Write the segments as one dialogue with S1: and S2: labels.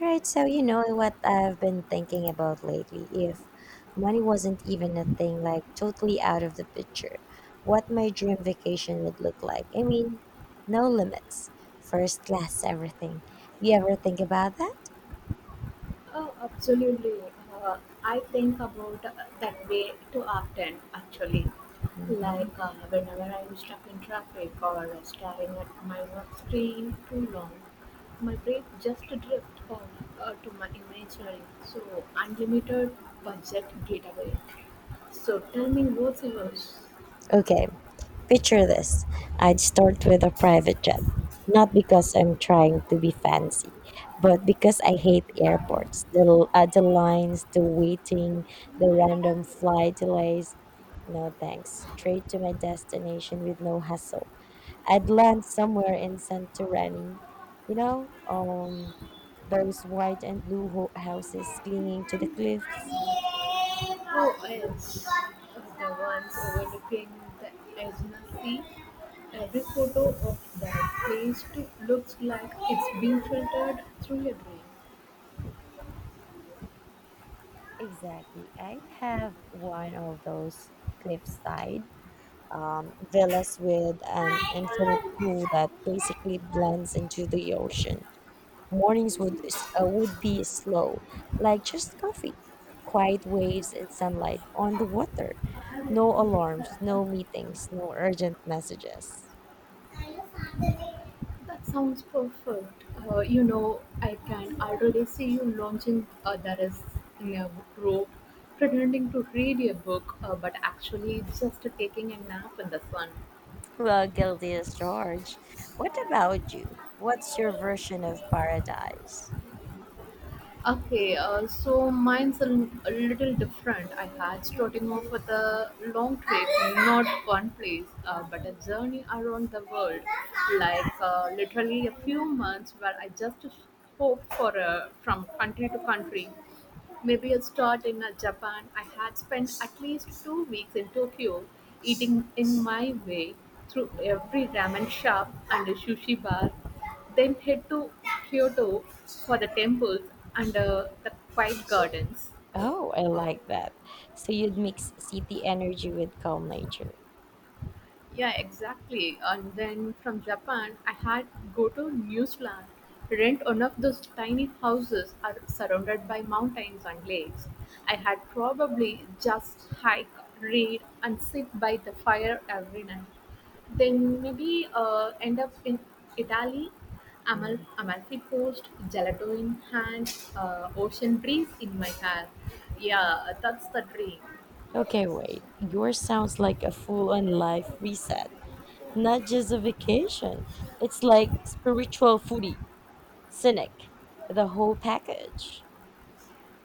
S1: Right, so you know what I've been thinking about lately. If money wasn't even a thing, like totally out of the picture, what my dream vacation would look like. I mean, no limits, first class, everything. You ever think about that?
S2: Oh, absolutely. Uh, I think about that way too often, actually.
S1: Mhm.
S2: Like whenever I'm stuck in traffic or staring at my work screen too long, my brain just drifts off to my imaginary, so unlimited budget getaway. So tell me, what's yours?
S1: Okay, picture this. I'd start with a private jet, not because I'm trying to be fancy, but because I hate airports, the lines, the waiting, the random flight delays. No thanks. Straight to my destination with no hassle. I'd land somewhere in Santorani, you know, um, those white and blue houses clinging to the cliffs.
S2: Who else of the ones overlooking the Edna Sea? Every photo of that place too looks like it's being filtered through a
S1: Exactly. I'd have one of those cliffside villas with an infinite pool that basically blends into the ocean. Mornings would be slow, like just coffee, quiet waves and sunlight on the water. No alarms,
S2: grain.
S1: no meetings, no urgent messages.
S2: That sounds perfect. You know, I can already see you launching that is in a robe, pretending to read a book, but actually just taking a nap in the sun.
S1: Well, guilty as charged. What about you? What's your version of paradise?
S2: Okay, so mine's a, a little different. I had starting off with a long trip, not one place, but a journey around the world, like literally a few months where I just hopped for a, from country to country. Maybe a start in Japan. I had spent at least 2 weeks in Tokyo, eating in my way through every ramen shop and a sushi bar, then head to Kyoto for the temples and the quiet gardens.
S1: Oh, I like that. So you'd mix city energy with calm nature.
S2: Yeah, exactly. And then from Japan, I had go to New Zealand, rent one of those tiny houses are surrounded by mountains and lakes. I had probably just hike, read, and sit by the fire every night. Then maybe end up in Italy,
S1: Mm.
S2: Amalfi Coast, gelato in hand, ocean breeze in my hair. Yeah, that's the dream.
S1: Okay, wait. Yours sounds like a full on life reset, not just a vacation. It's like spiritual foodie, cynic, the whole package.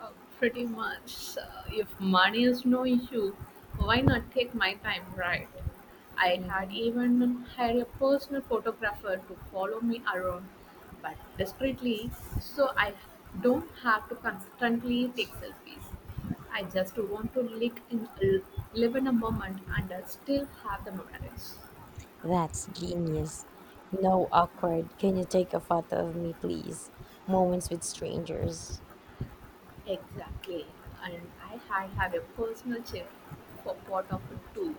S2: Uh, Pretty much. If money is no issue, why not take my time, right? I had
S1: Mhm.
S2: even had a personal photographer to follow me around, but discreetly, so I don't have to constantly take selfies. I just want to live in a moment and still have the memories.
S1: That's genius. No awkward, "can you take a photo of me, please?" moments with strangers.
S2: Exactly. And I had have a personal chef for part of it too.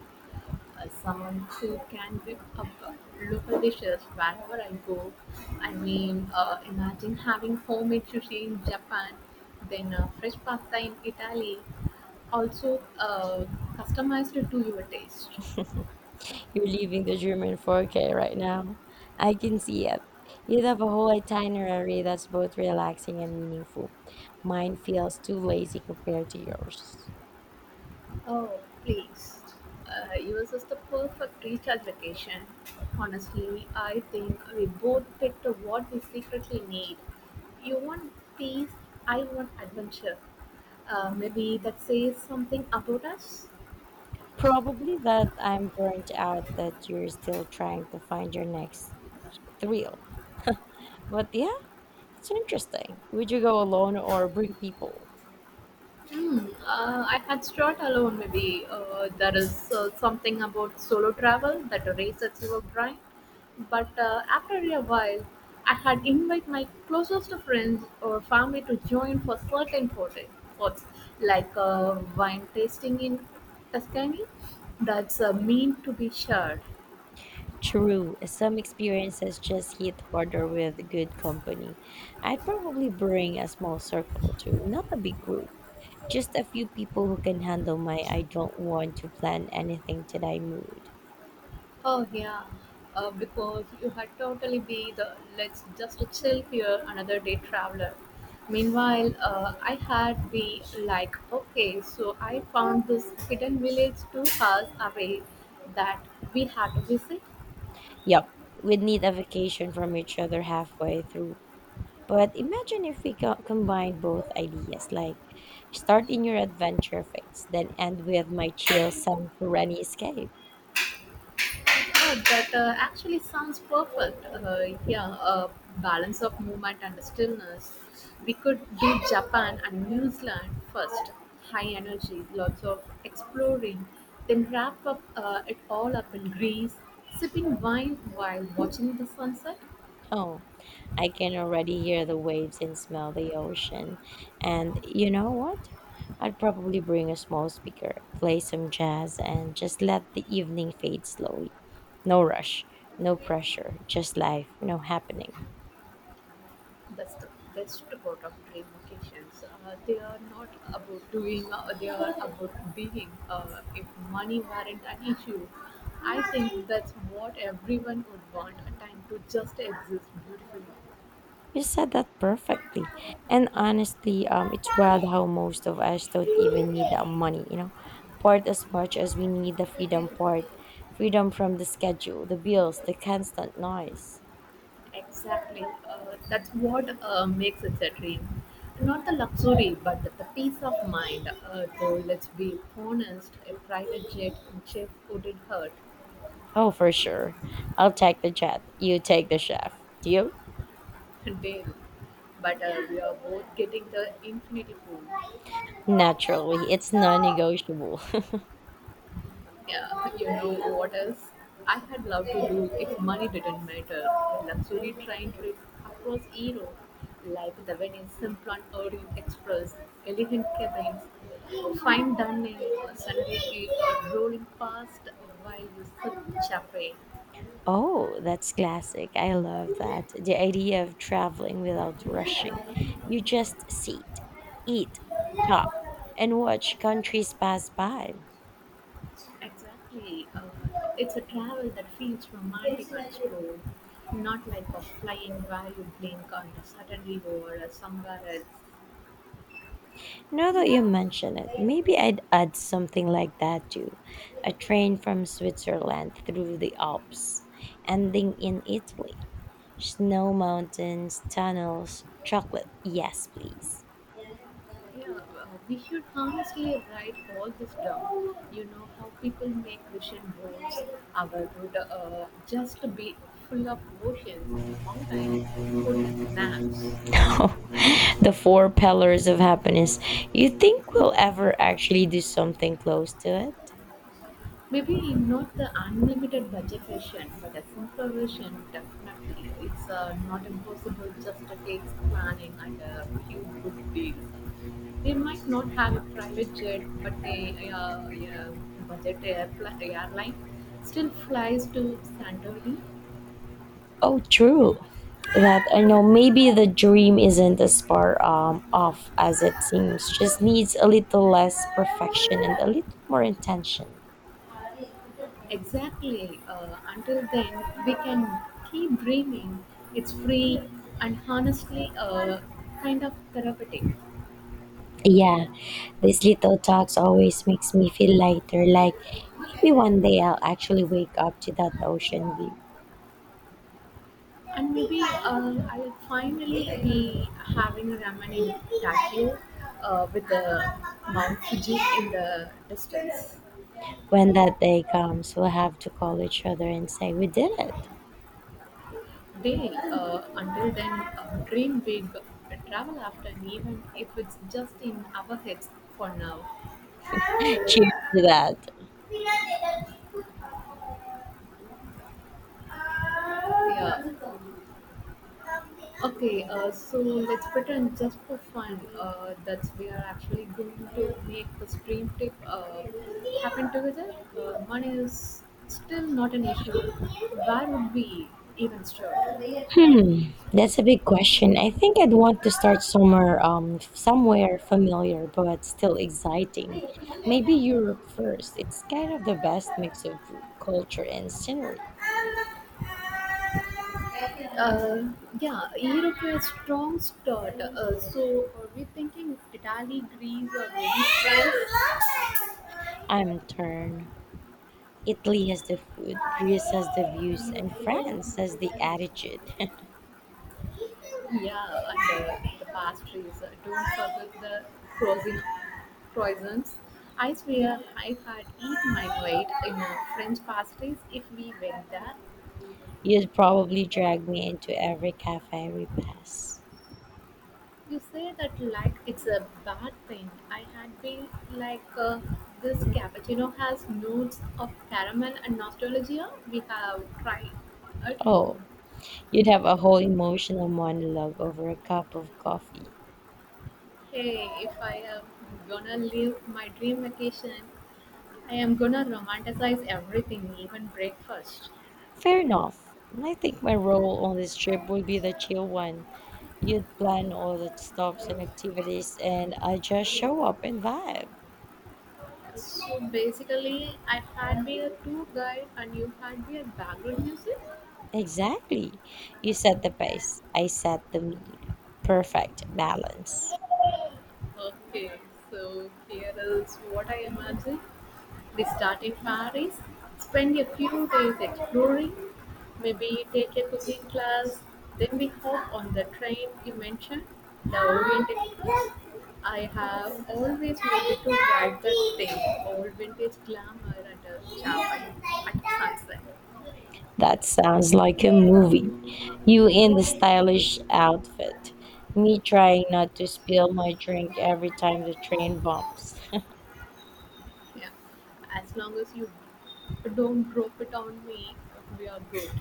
S2: Someone who can whip up local dishes wherever I go. I mean, imagine having homemade sushi in Japan, then fresh pasta in Italy, also customized to your taste.
S1: You're leaving the German 4K right now. I can see it. You'd have a whole itinerary that's both relaxing and meaningful. Mine feels too lazy compared to yours.
S2: Oh, please. Yours is the perfect recharge vacation. Honestly, I think we both picked what we secretly need. You want peace, I want adventure. Maybe that says something about us.
S1: Probably that I'm burnt out, that you're still trying to find your next thrill. But yeah, it's interesting. Would you go alone or bring people?
S2: Hmm. I had start alone. Maybe there is something about solo travel that raises your brain. But after a while, I had invite my closest friends or family to join for certain photo- spots, like wine tasting in Tuscany. That's meant to be shared.
S1: True, some experiences just hit harder with good company. I'd probably bring a small circle too, not a big group. Just a few people who can handle my "I don't want to plan anything today" mood.
S2: Oh yeah, because you had totally be the let's just chill here another day traveler. Meanwhile, I had be like, okay, so I found this hidden village 2 hours away that we had to visit.
S1: Yup, we'd need a vacation from each other halfway through. But imagine if we combine both ideas, like start in your adventure phase, then end with my chill, sun, rainy escape.
S2: Oh, that actually sounds perfect. Yeah, a balance of movement and stillness. We could do Japan and New Zealand first. High energy, lots of exploring, then wrap up it all up in Greece, sipping wine while watching the sunset.
S1: Oh, I can already hear the waves and smell the ocean. And you know what? I'd probably bring a small speaker, play some jazz, and just let the evening fade slowly. No rush, no pressure, just life, happening.
S2: That's the best part of dream vacations. They are not about doing, they are about being. If money weren't an issue, I think that's what everyone would want, a time to just exist beautifully.
S1: You said that perfectly. And honestly, it's wild how most of us don't even need the money, part as much as we need the freedom part, freedom from the schedule, the bills, the constant noise.
S2: Exactly. That's what makes it a dream. Not the luxury, but the peace of mind. Though, let's be honest, a private jet chef wouldn't hurt.
S1: Oh, for sure. I'll take the jet. You take the chef. Deal?
S2: Dale. But we are both getting the infinity pool.
S1: Naturally, it's non negotiable.
S2: Yeah, you know what else? I had loved to do if money didn't matter. A luxury train trip across Europe, like the Venice Simplon Orient Express, elegant cabins, fine dining, Sunday heat rolling past while you sip champagne.
S1: Oh, that's classic. I love that. The idea of traveling without rushing. You just sit, eat, talk, and watch countries pass by.
S2: Exactly. It's a travel that feels romantic and slow, not like a flying where you blink and suddenly over are somewhere else.
S1: Now that you mention it,
S2: Yeah,
S1: maybe I'd add something like that too. A train from Switzerland through the Alps, ending in Italy. Snow mountains, tunnels, chocolate. Yes, please.
S2: we should honestly write all this down. You know how people make vision boards. Our would just be full of oceans, mountains, food, and naps.
S1: The four pillars of happiness. You think we'll ever actually do something close to it?
S2: Maybe not the unlimited budget version, but a simpler version definitely. It's not impossible, just takes planning and a few good deals. They might not have a private jet, but a budget airpl airline still flies to Santorini.
S1: Oh, true. That I know. Maybe the dream isn't as far off as it seems, just needs a little less perfection and a little more intention.
S2: Exactly. Until then, we can keep dreaming. It's free and honestly kind of therapeutic.
S1: Yeah, these little talks always makes me feel lighter, like maybe one day I'll actually wake up to that ocean view.
S2: And maybe I'll finally be having a ramen in Tokyo with the Mount Fuji in the distance.
S1: When that day comes, we'll have to call each other and say we did it.
S2: They, until then, dream big, travel after an event if it's just in our heads for now.
S1: Cheers to that.
S2: Yeah. Okay, so let's pretend just for fun that we are actually going to make this dream trip happen together. Money is still not an issue. Where would we even start?
S1: Hmm, that's a big question. I think I'd want to start somewhere familiar but still exciting. Maybe Europe first. It's kind of the best mix of food, culture, and scenery.
S2: Uh, yeah, Europe has strong start. So are we thinking of Italy, Greece, or maybe France?
S1: I'm torn. Italy has the food, Greece has the views, and France has the attitude.
S2: Yeah, and the pastries. Don't forget the frozen croissants. I swear I had eaten my weight in French pastries if we went there.
S1: You'd probably drag me into every cafe we pass.
S2: You say that like it's a bad thing. I had been like this cappuccino has notes of caramel and nostalgia. We have tried it.
S1: Oh, you'd have a whole emotional monologue over a cup of coffee.
S2: Hey, if I am gonna live my dream vacation, I am gonna romanticize everything, even breakfast.
S1: Fair enough. I think my role on this trip would be the chill one. You'd plan all the stops and activities, and I just show up and vibe.
S2: So basically, I had been a tour guide and you had been a background music.
S1: Exactly. You set the pace, I set the mood. Perfect balance.
S2: Okay, so here is what I imagine. We start in Paris, spend a few days exploring, maybe take a cooking class, then we hop on the train you mentioned, the Orient Express. I have always wanted to ride that thing, old vintage glamour at a chapel at sunset.
S1: That sounds like a movie. You in the stylish outfit, me trying not to spill my drink every time the train bumps.
S2: Yeah. As long as you don't drop it on me, we are good.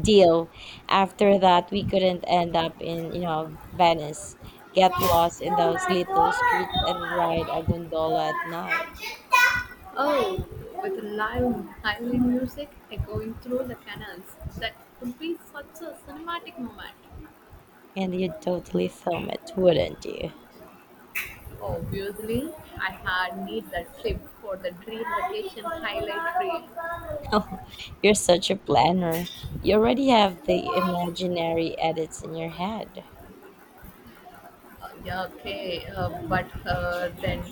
S1: Deal. After that, we couldn't end up in, Venice, get lost in those little streets and ride a gondola at night.
S2: Oh, with lively music echoing through the canals. That would be such a cinematic moment.
S1: And you'd totally film it, wouldn't you?
S2: Obviously, I had need that clip for the dream vacation highlight
S1: You're such a planner. You already have
S2: reel.
S1: the imaginary edits in your head.
S2: Yeah, okay, but then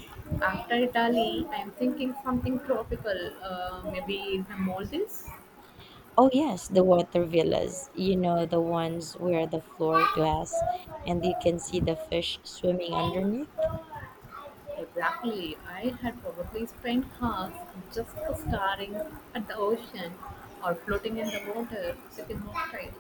S2: after Italy, I'm thinking something tropical, maybe the Maldives.
S1: Oh, yes, the water villas. You know, the ones where the floor glass and you can see the fish swimming underneath.
S2: Exactly, I had probably spent hours just staring at the ocean or floating in the water, sipping cocktail.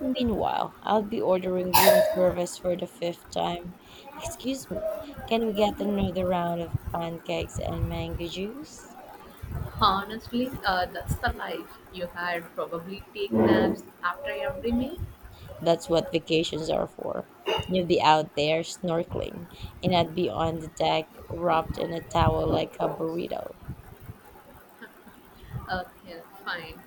S1: Meanwhile, I'll be ordering room service for the fifth time. "Excuse me, can we get another round of pancakes and mango juice?"
S2: Honestly, that's the life. You had probably take naps after every meal.
S1: That's what vacations are for. You'll be out there snorkeling, and I'd be on the deck wrapped in a towel like a burrito.
S2: Okay, fine.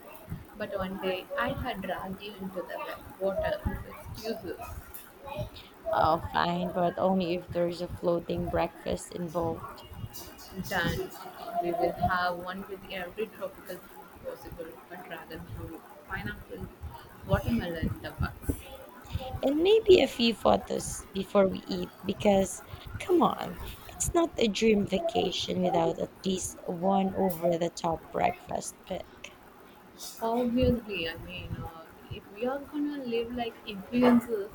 S2: But one day I had dragged you into the water with excuses.
S1: Oh, fine, but only if there's a floating breakfast involved.
S2: Done. We will have one with every tropical fruit possible, a dragon fruit, pineapple, watermelon, the bugs.
S1: And maybe a few photos before we eat, because come on, it's not a dream vacation without at least one over the top breakfast pick.
S2: Obviously, I mean, if we are gonna live like influencers,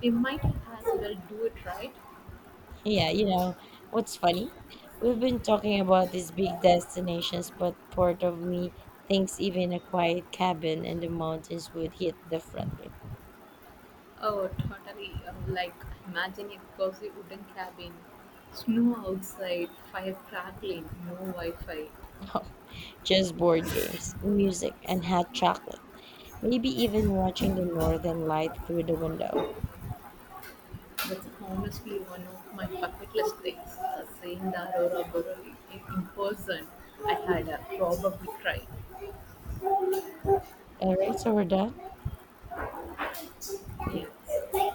S2: we might as well do it right.
S1: Yeah, you know what's funny, we've been talking about these big destinations, but part of me thinks even a quiet cabin in the mountains would hit differently.
S2: Oh, totally. Like, imagine a cozy wooden cabin, snow outside, fire crackling, no Wi Fi.
S1: Just board games, music, and hot chocolate. Maybe even watching the northern light through the window.
S2: That's honestly one of my bucket list things. Seeing the Aurora Borealis in person, I had probably cried.
S1: All right, so we're done.
S2: Yes.